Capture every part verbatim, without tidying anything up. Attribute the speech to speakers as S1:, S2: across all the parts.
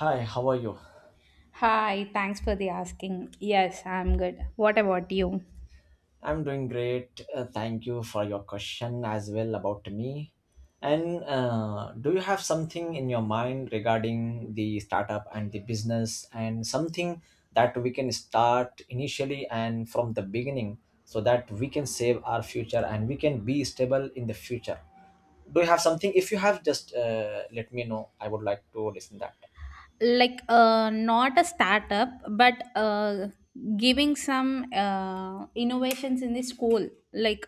S1: Hi, how are you?
S2: Hi, thanks for the asking. Yes, I'm good. What about you?
S1: I'm doing great. Uh, thank you for your question as well about me. And uh, do you have something in your mind regarding the startup and the business and something that we can start initially and from the beginning so that we can save our future and we can be stable in the future? Do you have something? If you have, just uh, let me know. I would like to listen that.
S2: like uh, not a startup, but uh, giving some uh, innovations in the school, like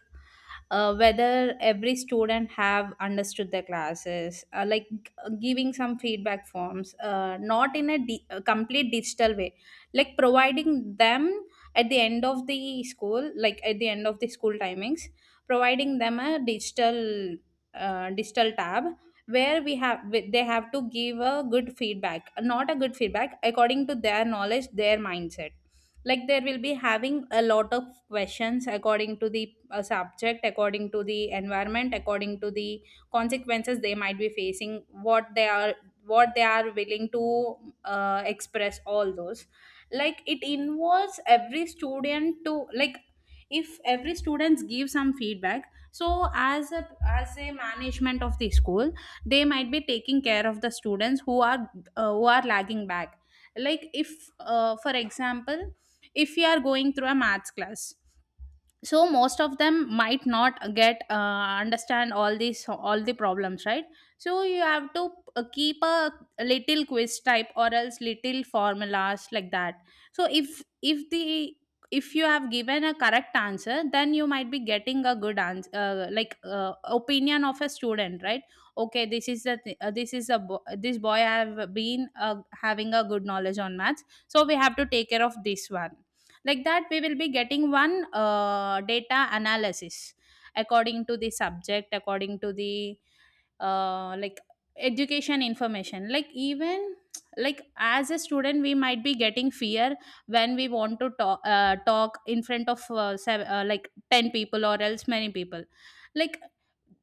S2: uh, whether every student have understood the classes uh, like uh, giving some feedback forms uh, not in a, di- a complete digital way, like providing them at the end of the school, like at the end of the school timings, providing them a digital uh, digital tab where we have wh- they have to give a good feedback, not a good feedback, according to their knowledge, their mindset. Like, there will be having a lot of questions according to the uh, subject, according to the environment, according to the consequences they might be facing, what they are what they are willing to uh, express all those, like it involves every student to, like, if every students give some feedback, so as a as a management of the school, they might be taking care of the students who are uh, who are lagging back. Like, if uh, for example, if you are going through a maths class, so most of them might not get uh, understand all these all the problems, right? So you have to uh, keep a little quiz type or else little formulas like that. So if if the if you have given a correct answer, then you might be getting a good answer uh, like uh, opinion of a student, right? Okay, this is the th- uh, this is a bo- this boy have been uh, having a good knowledge on maths, so we have to take care of this one. Like that, we will be getting one uh, data analysis according to the subject, according to the uh, like education information. Like, even like as a student, we might be getting fear when we want to talk uh, talk in front of uh, sev- uh, like ten people or else many people, like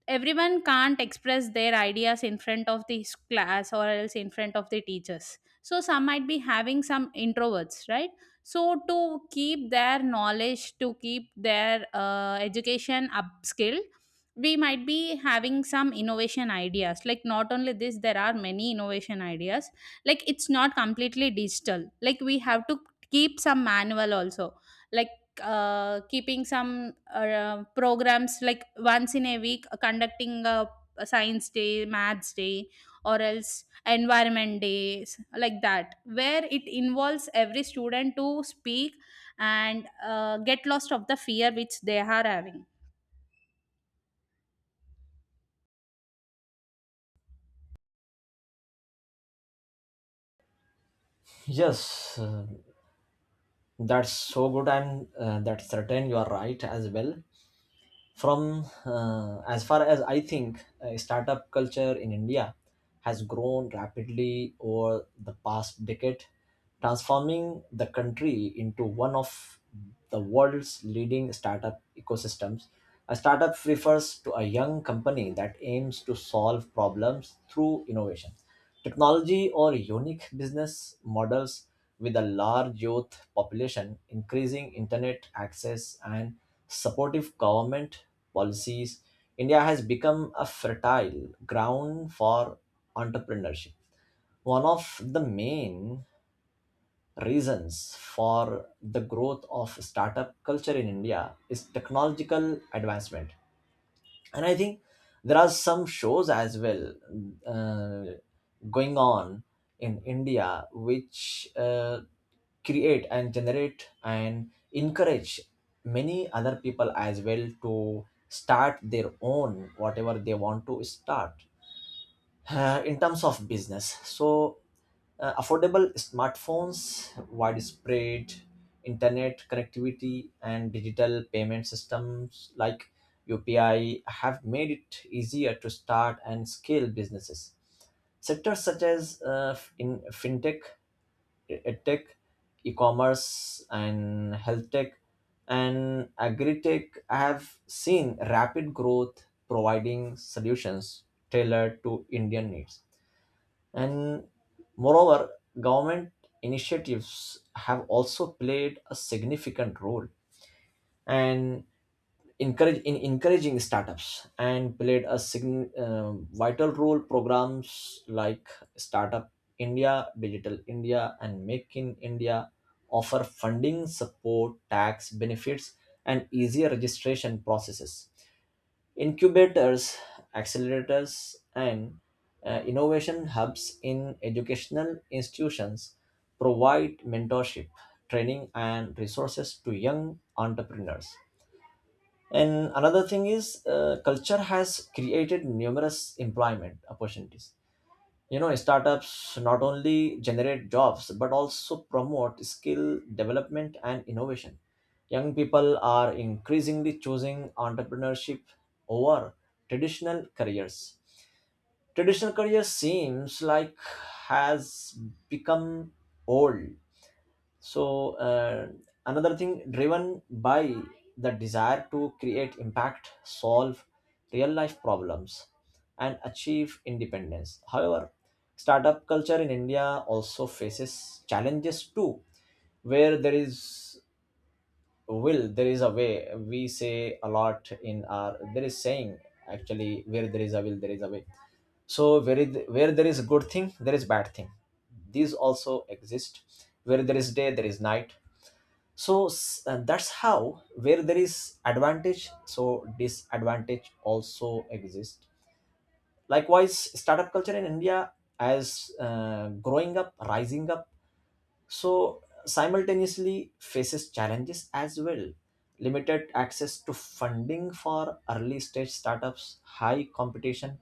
S2: everyone can't express their ideas in front of the s- class, or else in front of the teachers, so some might be having some introverts, right? So to keep their knowledge, to keep their uh, education upskill, we might be having some innovation ideas. Like, not only this, there are many innovation ideas. Like, it's not completely digital, like we have to keep some manual also, like uh, keeping some uh, programs, like once in a week, uh, conducting a, a science day, maths day, or else environment days, like that, where it involves every student to speak and uh, get lost of the fear which they are having.
S1: Yes, uh, that's so good, and uh, that's certain you are right as well. from uh, as far as I think, uh, startup culture in India has grown rapidly over the past decade, transforming the country into one of the world's leading startup ecosystems. A startup refers to a young company that aims to solve problems through innovation, technology or unique business models. With a large youth population, increasing internet access, and supportive government policies, India has become a fertile ground for entrepreneurship. One of the main reasons for the growth of startup culture in India is technological advancement. And I think there are some shows as well, uh, going on in India which, uh, create and generate and encourage many other people as well to start their own, whatever they want to start, uh, in terms of business. So uh, affordable smartphones, widespread internet connectivity, and digital payment systems like UPI have made it easier to start and scale businesses. Sectors such as uh, in fintech, edtech, e-commerce, and health tech, and agri-tech have seen rapid growth, providing solutions tailored to Indian needs. And moreover, government initiatives have also played a significant role and encourage in encouraging startups and played a sign, um vital role. Programs like Startup India, Digital India and Make in India offer funding support, tax benefits and easier registration processes. Incubators, accelerators, and uh, innovation hubs in educational institutions provide mentorship, training, and resources to young entrepreneurs. And another thing is, uh, culture has created numerous employment opportunities. You know, startups not only generate jobs but also promote skill development and innovation. Young people are increasingly choosing entrepreneurship over traditional careers. Traditional career seems like has become old. So uh, another thing driven by the desire to create impact, solve real life problems, and achieve independence. However, startup culture in India also faces challenges too, where there is will, there is a way. We say a lot in our there is saying actually where there is a will, there is a way. So where it- where there is a good thing, there is bad thing. These also exist. Where there is day, there is night. So s- uh, that's how where there is advantage so disadvantage also exists. Likewise, startup culture in India as uh, growing up, rising up, so simultaneously faces challenges as well. Limited access to funding for early stage startups, high competition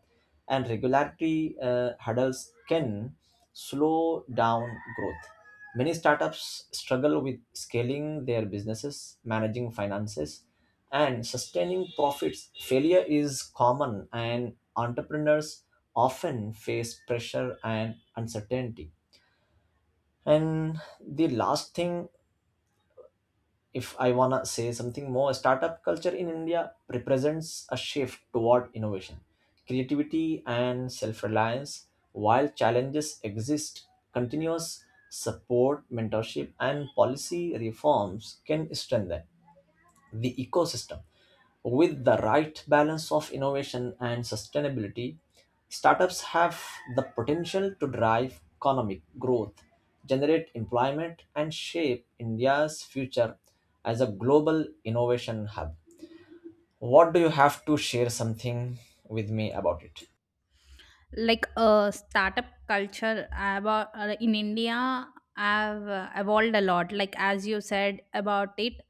S1: and regulatory uh, hurdles can slow down growth. Many startups struggle with scaling their businesses, managing finances and sustaining profits. Failure is common and entrepreneurs often face pressure and uncertainty. And the last thing, if I wanna say something more, startup culture in India represents a shift toward innovation, creativity, and self-reliance. While challenges exist, continuous support, mentorship, and policy reforms can strengthen the ecosystem. With the right balance of innovation and sustainability, startups have the potential to drive economic growth, generate employment, and shape India's future as a global innovation hub. What do you have to share something with me about it?
S2: Like uh, startup culture about uh, in India have uh, evolved a lot. Like, as you said about it,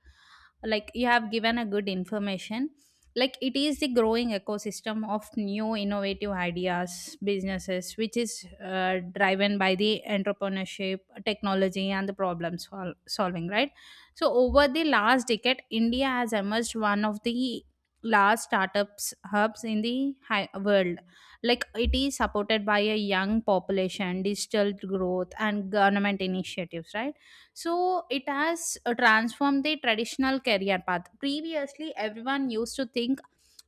S2: like, you have given a good information. Like, it is the growing ecosystem of new innovative ideas, businesses, which is uh, driven by the entrepreneurship, technology, and the problem sol- solving, right? So over the last decade, India has emerged one of the large startups hubs in the hi- world, like it is supported by a young population, digital growth, and government initiatives, right? So it has uh, transformed the traditional career path. Previously, everyone used to think,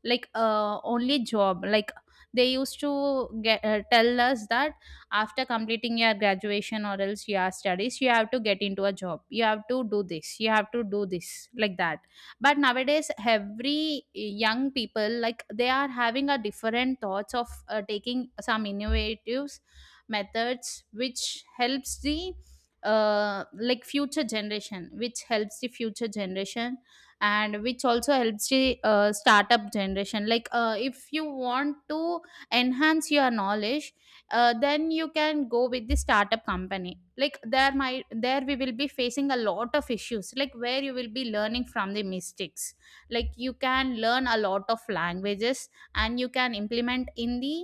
S2: like, uh, only job, like they used to get, uh, tell us that after completing your graduation or else your studies, you have to get into a job, you have to do this, you have to do this, like that. But nowadays every young people, like, they are having a different thoughts of uh, taking some innovative methods, which helps the uh, like future generation which helps the future generation, and which also helps the uh, startup generation. Like uh, if you want to enhance your knowledge, uh, then you can go with the startup company. Like, there might there we will be facing a lot of issues, like, where you will be learning from the mistakes, like you can learn a lot of languages, and you can implement in the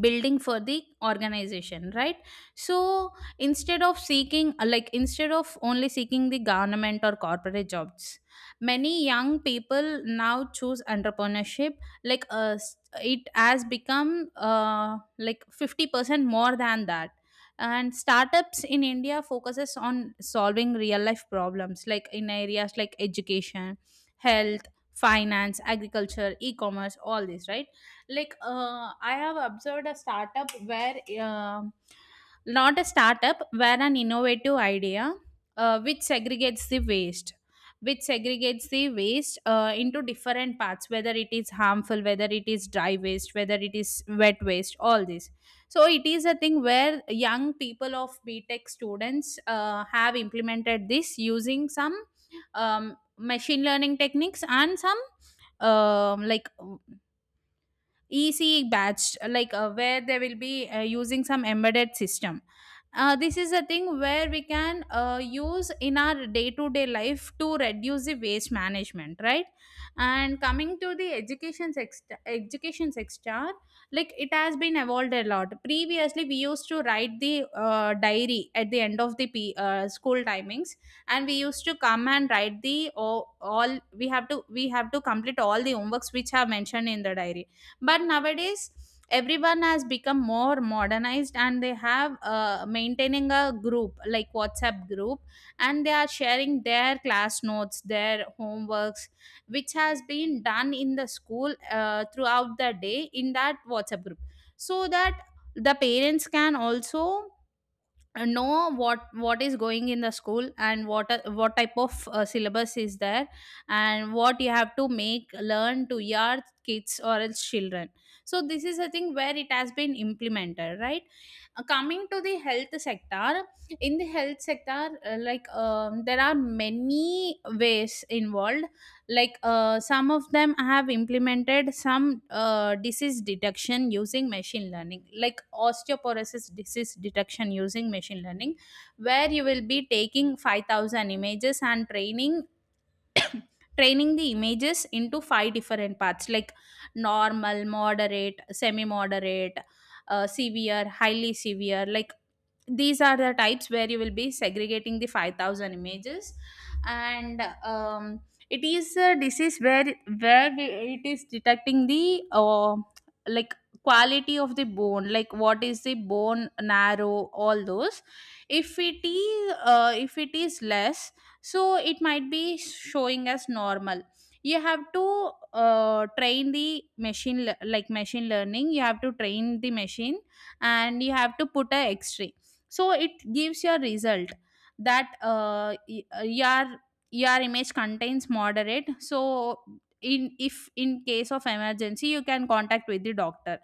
S2: building for the organization, right? So instead of seeking like instead of only seeking the government or corporate jobs, many young people now choose entrepreneurship. Like uh, s- it has become, uh, like, fifty percent more than that. And startups in India focuses on solving real life problems, like in areas like education, health, finance, agriculture, e-commerce, all this, right? Like uh, I have observed a startup where, um not a startup where, an innovative idea uh, which segregates the waste which segregates the waste uh, into different parts, whether it is harmful, whether it is dry waste, whether it is wet waste, all this. So it is a thing where young people of btech students uh, have implemented this using some um, machine learning techniques, and some um, like E C batch, like uh, where they will be uh, using some embedded system. Uh, this is a thing where we can uh, use in our day to day life to reduce the waste management, right? And coming to the education sector, education sector, like it has been evolved a lot. Previously, we used to write the uh, diary at the end of the P, uh, school timings, and we used to come and write the all, all we have to we have to complete all the homeworks which are mentioned in the diary. But nowadays everyone has become more modernized and they have, uh, maintaining a group, like WhatsApp group, and they are sharing their class notes, their homeworks, which has been done in the school uh, throughout the day, in that WhatsApp group, so that the parents can also know what what is going in the school, and what are- what type of uh, syllabus is there, and what you have to make learn to your kids or else children. So this is a thing where it has been implemented, right? Uh, coming to the health sector, in the health sector, uh, like um, there are many ways involved. Like uh, some of them have implemented some uh, disease detection using machine learning, like osteoporosis disease detection using machine learning, where you will be taking five thousand images and training, training the images into five different parts, like normal, moderate, semi moderate, uh, severe, highly severe. Like, these are the types where you will be segregating the five thousand images. And, um, it is a disease where, where we, it is detecting the uh, like quality of the bone, like what is the bone narrow, all those. If it is, uh, if it is less, so it might be showing as normal. You have to uh, train the machine, le- like machine learning, you have to train the machine, and you have to put a x-ray, so it gives your result that, uh, y- uh, your your image contains moderate. So in if in case of emergency, you can contact with the doctor.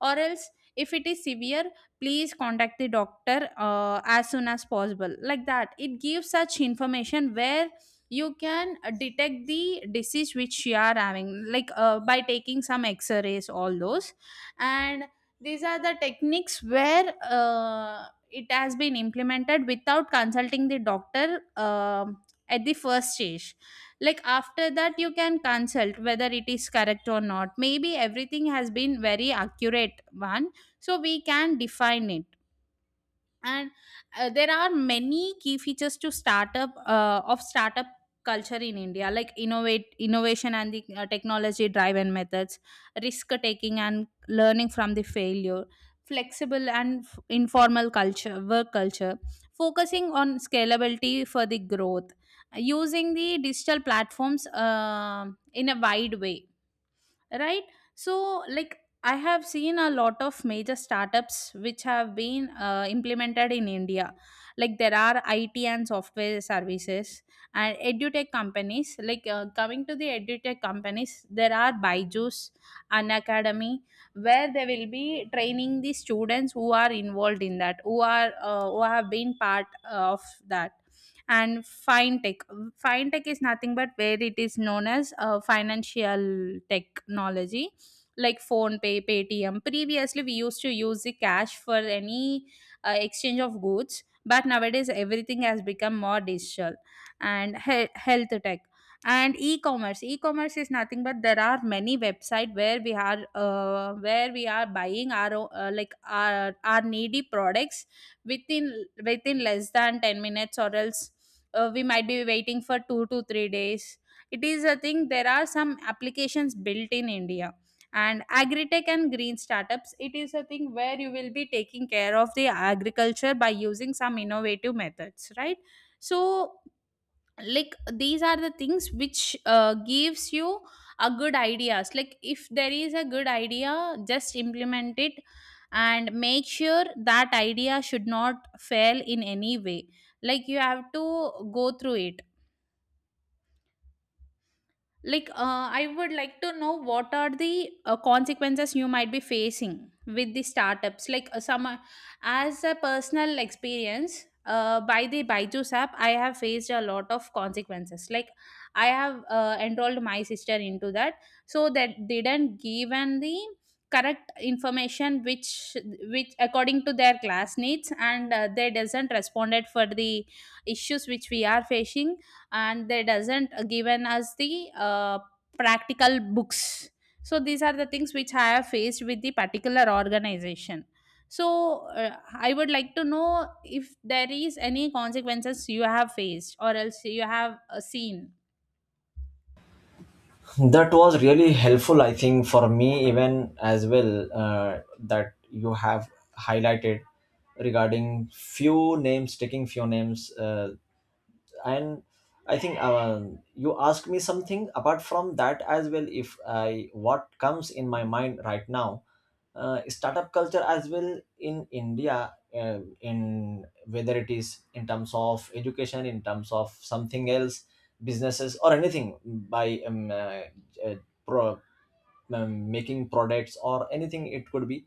S2: Or else, if it is severe, please contact the doctor uh, as soon as possible. Like that, it gives such information where you can uh, detect the disease which you are having, like uh, by taking some x-rays, all those. And these are the techniques where, uh, it has been implemented without consulting the doctor, um, at the first stage. Like, after that you can consult whether it is correct or not. Maybe everything has been very accurate one, so we can define it. And uh, there are many key features to startup uh, of startup culture in India, like innovate innovation and the uh, technology driven methods, risk taking and learning from the failure, flexible and f- informal culture work culture, focusing on scalability for the growth, using the digital platforms, um in a wide way, right? So, like, I have seen a lot of major startups which have been uh, implemented in India. Like, there are IT and software services, and edutech companies. Like uh, coming to the edutech companies, there are Byju's, an academy, where they will be training the students who are involved in that, who are uh, who have been part uh, of that. And fintech. Fintech is nothing but where it is known as, uh, financial technology, like Phone Pay, Paytm. Previously, we used to use the cash for any uh, exchange of goods, but nowadays everything has become more digital. And he- health tech. And e-commerce. E-commerce is nothing but, there are many website where we are, uh, where we are buying our o- uh, like our, our needy products within, within less than ten minutes, or else, uh, we might be waiting for two to three days. It is a thing, there are some applications built in India. And agritech and green startups, it is a thing where you will be taking care of the agriculture by using some innovative methods, right? So, like, these are the things which uh, gives you a good ideas, like, if there is a good idea, just implement it, and make sure that idea should not fail in any way. Like, you have to go through it. like, uh, I would like to know what are the uh, consequences you might be facing with the startups. Like, uh, some uh, As a personal experience, uh, by the Byju's app, I have faced a lot of consequences. Like, I have uh, enrolled my sister into that, so that they didn't given the correct information which which according to their class needs, and uh, they doesn't responded for the issues which we are facing, and they doesn't given us the uh, practical books. So these are the things which I have faced with the particular organization. So uh, I would like to know if there is any consequences you have faced, or else you have uh, seen.
S1: That was really helpful, I think, for me, even as well, uh, that you have highlighted regarding few names, taking few names. Uh, and I think, uh, you asked me something apart from that as well, if I what comes in my mind right now. Uh, startup culture as well in India, uh, in whether it is in terms of education, in terms of something else, businesses or anything, by um, uh, uh, pro, um, making products or anything it could be,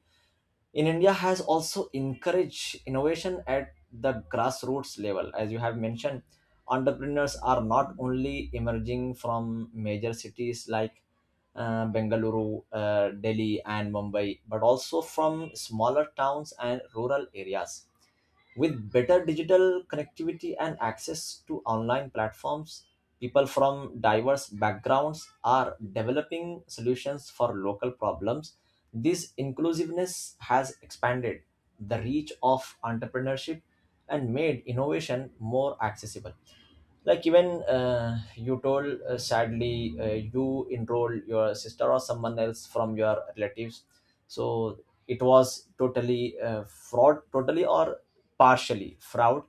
S1: in India has also encouraged innovation at the grassroots level, as you have mentioned. Entrepreneurs are not only emerging from major cities like uh, Bengaluru, uh, Delhi and Mumbai, but also from smaller towns and rural areas. With better digital connectivity and access to online platforms, people from diverse backgrounds are developing solutions for local problems. This inclusiveness has expanded the reach of entrepreneurship and made innovation more accessible. Like even, uh, you told, uh, sadly, uh, you enroll your sister or someone else from your relatives, so it was totally uh, fraud totally or partially fraud.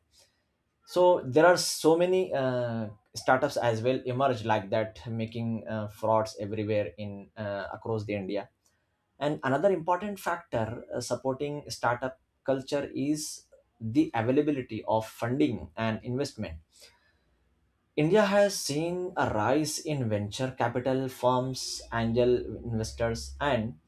S1: So there are so many uh, startups as well emerge like that, making uh, frauds everywhere in uh, across the India. And another important factor uh, supporting startup culture is the availability of funding and investment. India has seen a rise in venture capital firms, angel investors, and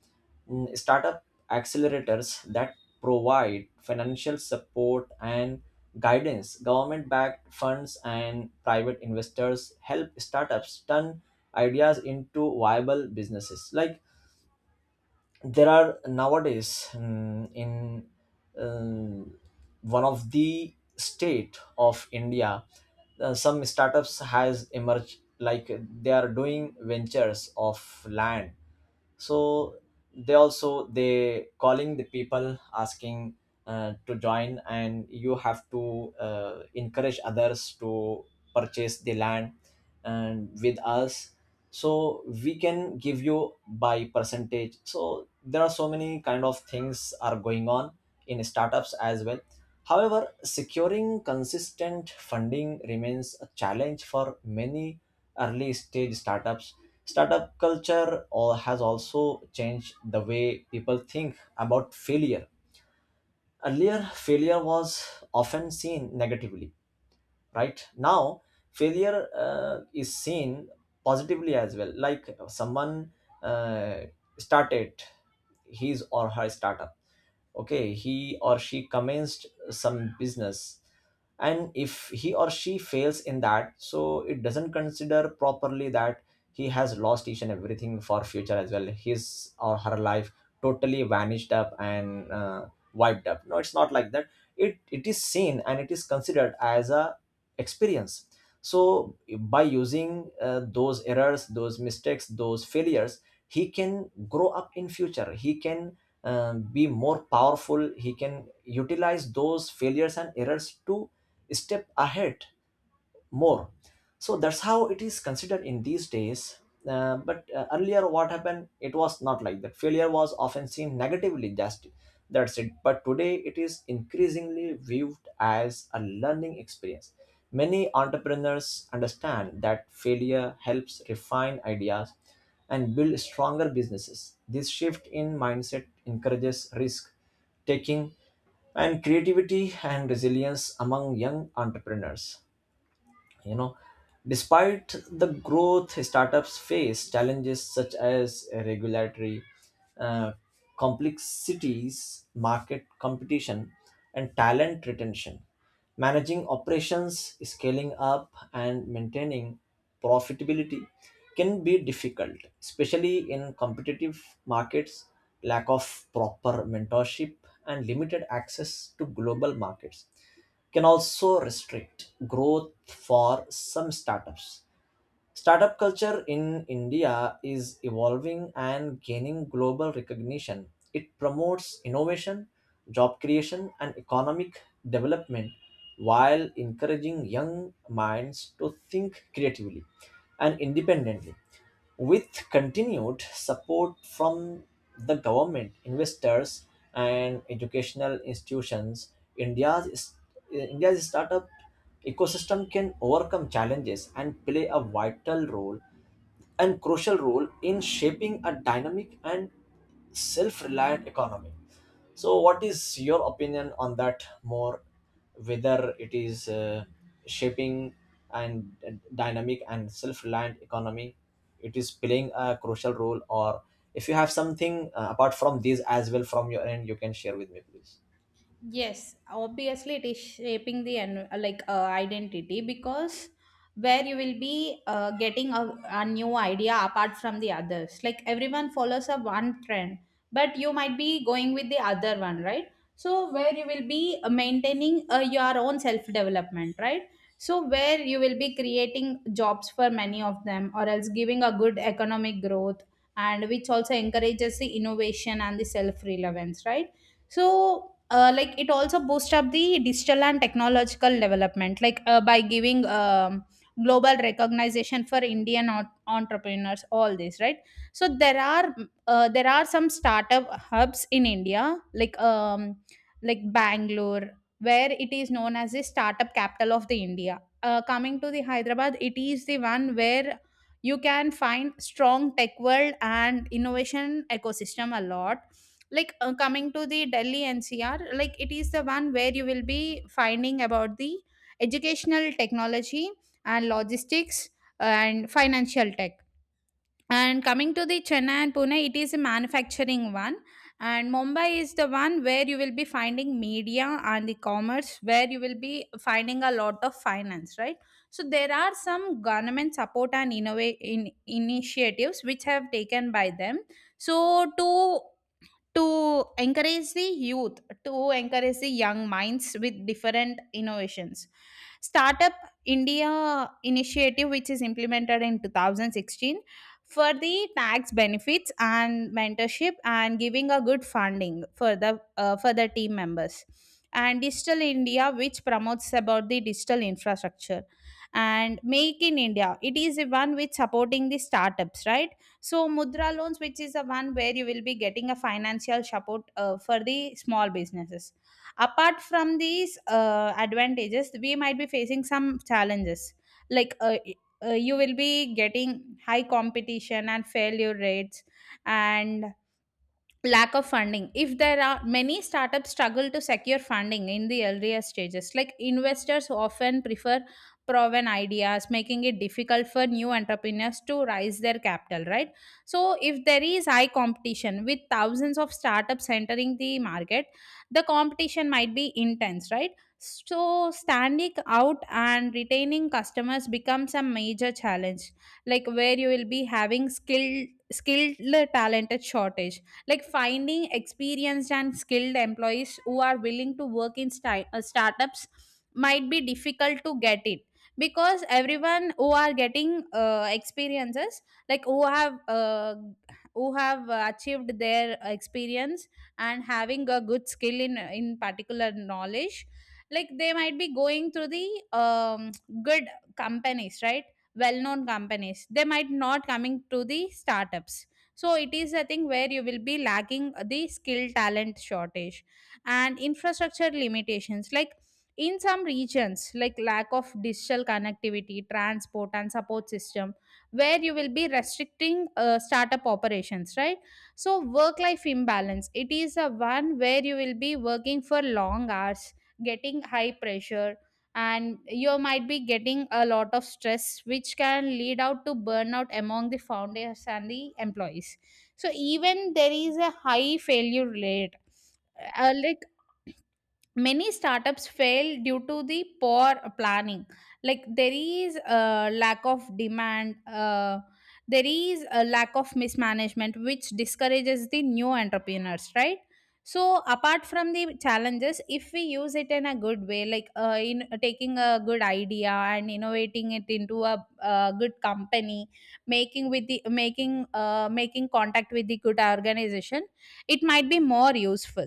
S1: mm, startup accelerators that provide financial support and guidance. Government backed funds and private investors help startups turn ideas into viable businesses. Like there are nowadays mm, in um, one of the state of India, uh, some startups has emerged like they are doing ventures of land. So they also they calling the people asking uh, to join and you have to uh, encourage others to purchase the land and with us, so we can give you by percentage. So there are so many kind of things are going on in startups as well. However, securing consistent funding remains a challenge for many early stage startups. Startup culture or has also changed the way people think about failure. Earlier, failure was often seen negatively. Right now, failure uh, is seen positively as well. Like someone uh, started his or her startup, okay, he or she commenced some business, and if he or she fails in that, so it doesn't consider properly that he has lost each and everything for future as well. His or her life totally vanished up and uh, wiped up. No, it's not like that. It it is seen and it is considered as a experience. So by using uh, those errors, those mistakes, those failures, he can grow up in future. He can um, be more powerful. He can utilize those failures and errors to step ahead more. So that's how it is considered in these days. Uh, but uh, earlier what happened, it was not like that. Failure was often seen negatively, just that's it, but today it is increasingly viewed as a learning experience. Many entrepreneurs understand that failure helps refine ideas and build stronger businesses. This shift in mindset encourages risk taking and creativity and resilience among young entrepreneurs. You know, despite the growth, startups face challenges such as regulatory uh, complexities, market competition and talent retention. Managing operations, scaling up and maintaining profitability can be difficult, especially in competitive markets. Lack of proper mentorship and limited access to global markets can also restrict growth for some startups. Startup culture in India is evolving and gaining global recognition. It promotes innovation, job creation, and economic development while encouraging young minds to think creatively and independently. With continued support from the government, investors, and educational institutions, India's, India's startup ecosystem can overcome challenges and play a vital role and crucial role in shaping a dynamic and self reliant economy. So, what is your opinion on that more? Whether it is uh, shaping and dynamic and self-reliant economy, it is playing a crucial role, or if you have something uh, apart from these as well from your end, you can share with me, please.
S2: Yes, obviously it is shaping the en- uh, like uh, identity, because where you will be uh, getting a, a new idea apart from the others. Like everyone follows a one trend, but you might be going with the other one, right? So where you will be uh, maintaining uh, your own self development, right? So where you will be creating jobs for many of them, or else giving a good economic growth, and which also encourages the innovation and the self relevance, right? So uh, like it also boosts up the digital and technological development, like uh, by giving um, global recognition for Indian ot- entrepreneurs, all this, right? So there are uh, there are some startup hubs in India, like um like Bangalore, where it is known as the startup capital of the India. Uh, coming to the Hyderabad, it is the one where you can find strong tech world and innovation ecosystem a lot. Like uh, coming to the Delhi N C R, like it is the one where you will be finding about the educational technology and logistics, uh, and financial tech. And coming to the Chennai and Pune, it is a manufacturing one, and Mumbai is the one where you will be finding media and the commerce, where you will be finding a lot of finance, right? So there are some government support and innova- in- initiatives which have taken by them. So to to encourage the youth, to encourage the young minds with different innovations, Startup India initiative, which is implemented in two thousand sixteen for the tax benefits and mentorship and giving a good funding for the uh, for the team members, and Digital India, which promotes about the digital infrastructure, and Make in India, it is the one which supporting the startups, right? So Mudra loans, which is the one where you will be getting a financial support uh, for the small businesses. Apart from these uh, advantages, we might be facing some challenges like uh, y- uh, you will be getting high competition and failure rates, and lack of funding. If there are many startups struggle to secure funding in the earlier stages, like investors often prefer proven ideas, making it difficult for new entrepreneurs to raise their capital, right? So if there is high competition with thousands of startups entering the market, the competition might be intense, right? So standing out and retaining customers becomes a major challenge. Like where you will be having skilled skilled talented shortage, like finding experienced and skilled employees who are willing to work in sti- uh, startups, might be difficult to get it, because everyone who are getting uh, experiences, like who have uh, who have uh, achieved their experience and having a good skill in in particular knowledge, like they might be going through the um, good companies, right? Well known companies, they might not coming to the startups. So it is a thing where you will be lagging the skill talent shortage, and infrastructure limitations, like in some regions, like lack of digital connectivity, transport and support system, where you will be restricting uh, startup operations, right? So work life imbalance, it is a one where you will be working for long hours, getting high pressure, and you might be getting a lot of stress which can lead out to burnout among the founders and the employees. So even there is a high failure rate, uh, like many startups fail due to the poor planning, like there is a lack of demand, uh, there is a lack of mismanagement which discourages the new entrepreneurs, right? So apart from the challenges, if we use it in a good way, like uh, in taking a good idea and innovating it into a, uh good company, making with the making uh, making contact with the good organization, it might be more useful.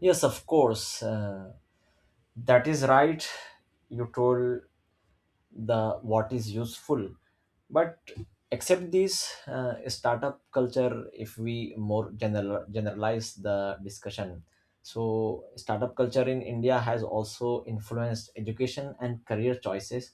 S1: Yes, of course, uh, that is right. You told the what is useful, but except this uh, startup culture, if we more general generalize the discussion, so startup culture in India has also influenced education and career choices.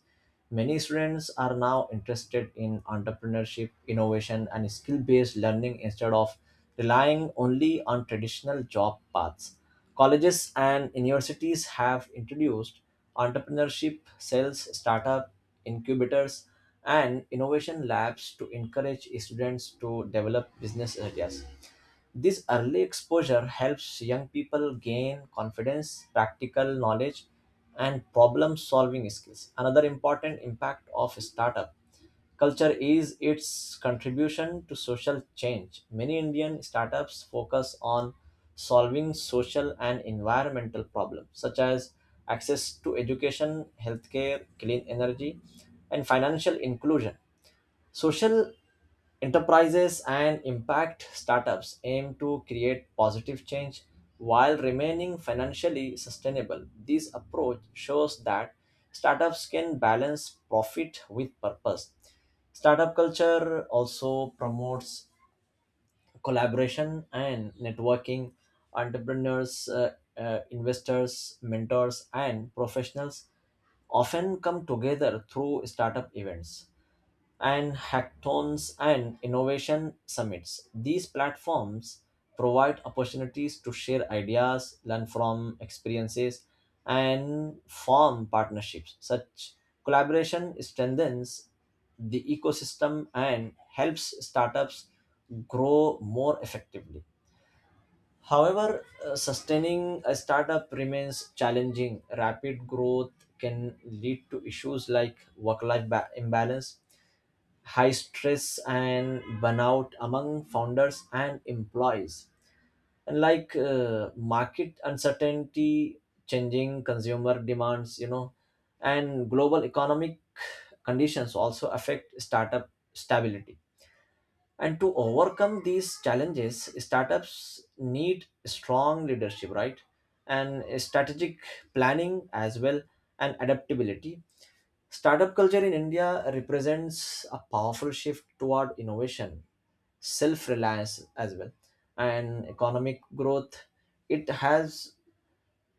S1: Many students are now interested in entrepreneurship, innovation and skill based learning instead of relying only on traditional job paths. Colleges and universities have introduced entrepreneurship sales, startup incubators, and innovation labs to encourage students to develop business ideas. This early exposure helps young people gain confidence, practical knowledge, and problem solving skills. Another important impact of startups culture is its contribution to social change. Many Indian startups focus on solving social and environmental problems, such as access to education, healthcare, clean energy, and financial inclusion. Social enterprises and impact startups aim to create positive change while remaining financially sustainable. This approach shows that startups can balance profit with purpose. Startup culture also promotes collaboration and networking. Entrepreneurs, uh, uh, investors, mentors, and professionals often come together through startup events and hackathons and innovation summits. These platforms provide opportunities to share ideas, learn from experiences, and form partnerships. Such collaboration strengthens the ecosystem and helps startups grow more effectively. However, uh, sustaining a startup remains challenging. Rapid growth can lead to issues like work life imbalance, high stress and burnout among founders and employees, and like uh, market uncertainty, changing consumer demands, you know, and global economic conditions also affect startup stability. And to overcome these challenges, startups need strong leadership, right, and strategic planning as well and adaptability. Startup culture in India represents a powerful shift toward innovation, self reliance as well, and economic growth. It has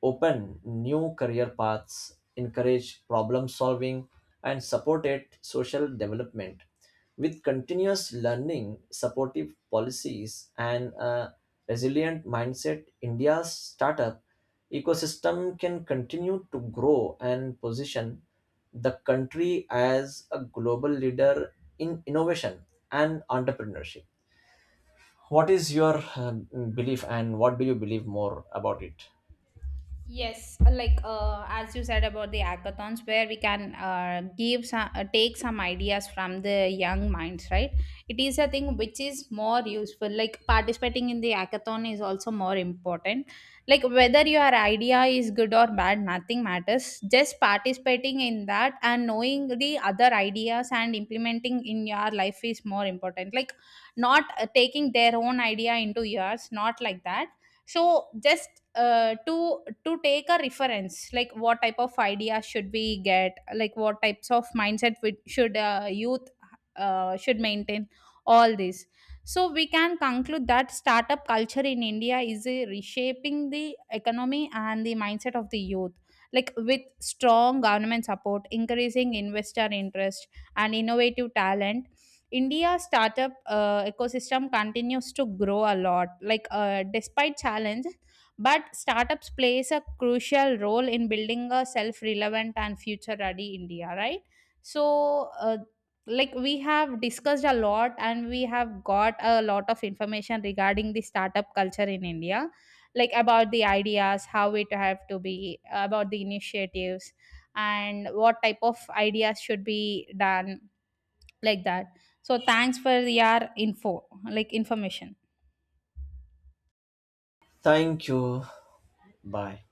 S1: open new career paths, encourage problem solving, and supported social development. With continuous learning, supportive policies, and a resilient mindset, India's startup ecosystem can continue to grow and position the country as a global leader in innovation and entrepreneurship. What is your uh, belief, and what do you believe more about it?
S2: Yes, uh, like uh, as you said about the hackathons, where we can uh, give some, uh, take some ideas from the young minds, right? It is a thing which is more useful. Like participating in the hackathon is also more important. Like whether your idea is good or bad, nothing matters. Just participating in that and knowing the other ideas and implementing in your life is more important. Like not uh, taking their own idea into yours, not like that. So just uh, to to take a reference, like what type of idea should we get, like what types of mindset we, should uh, youth uh, should maintain, all this. So we can conclude that startup culture in India is uh, reshaping the economy and the mindset of the youth, like with strong government support, increasing investor interest, and innovative talent. India startup uh, ecosystem continues to grow a lot, like uh, despite challenge, but startups plays a crucial role in building a self-relevant and future-ready India, right? So, uh, like we have discussed a lot, and we have got a lot of information regarding the startup culture in India, like about the ideas, how it have to be, about the initiatives, and what type of ideas should be done, like that. So thanks for your info, like information.
S1: Thank you. Bye.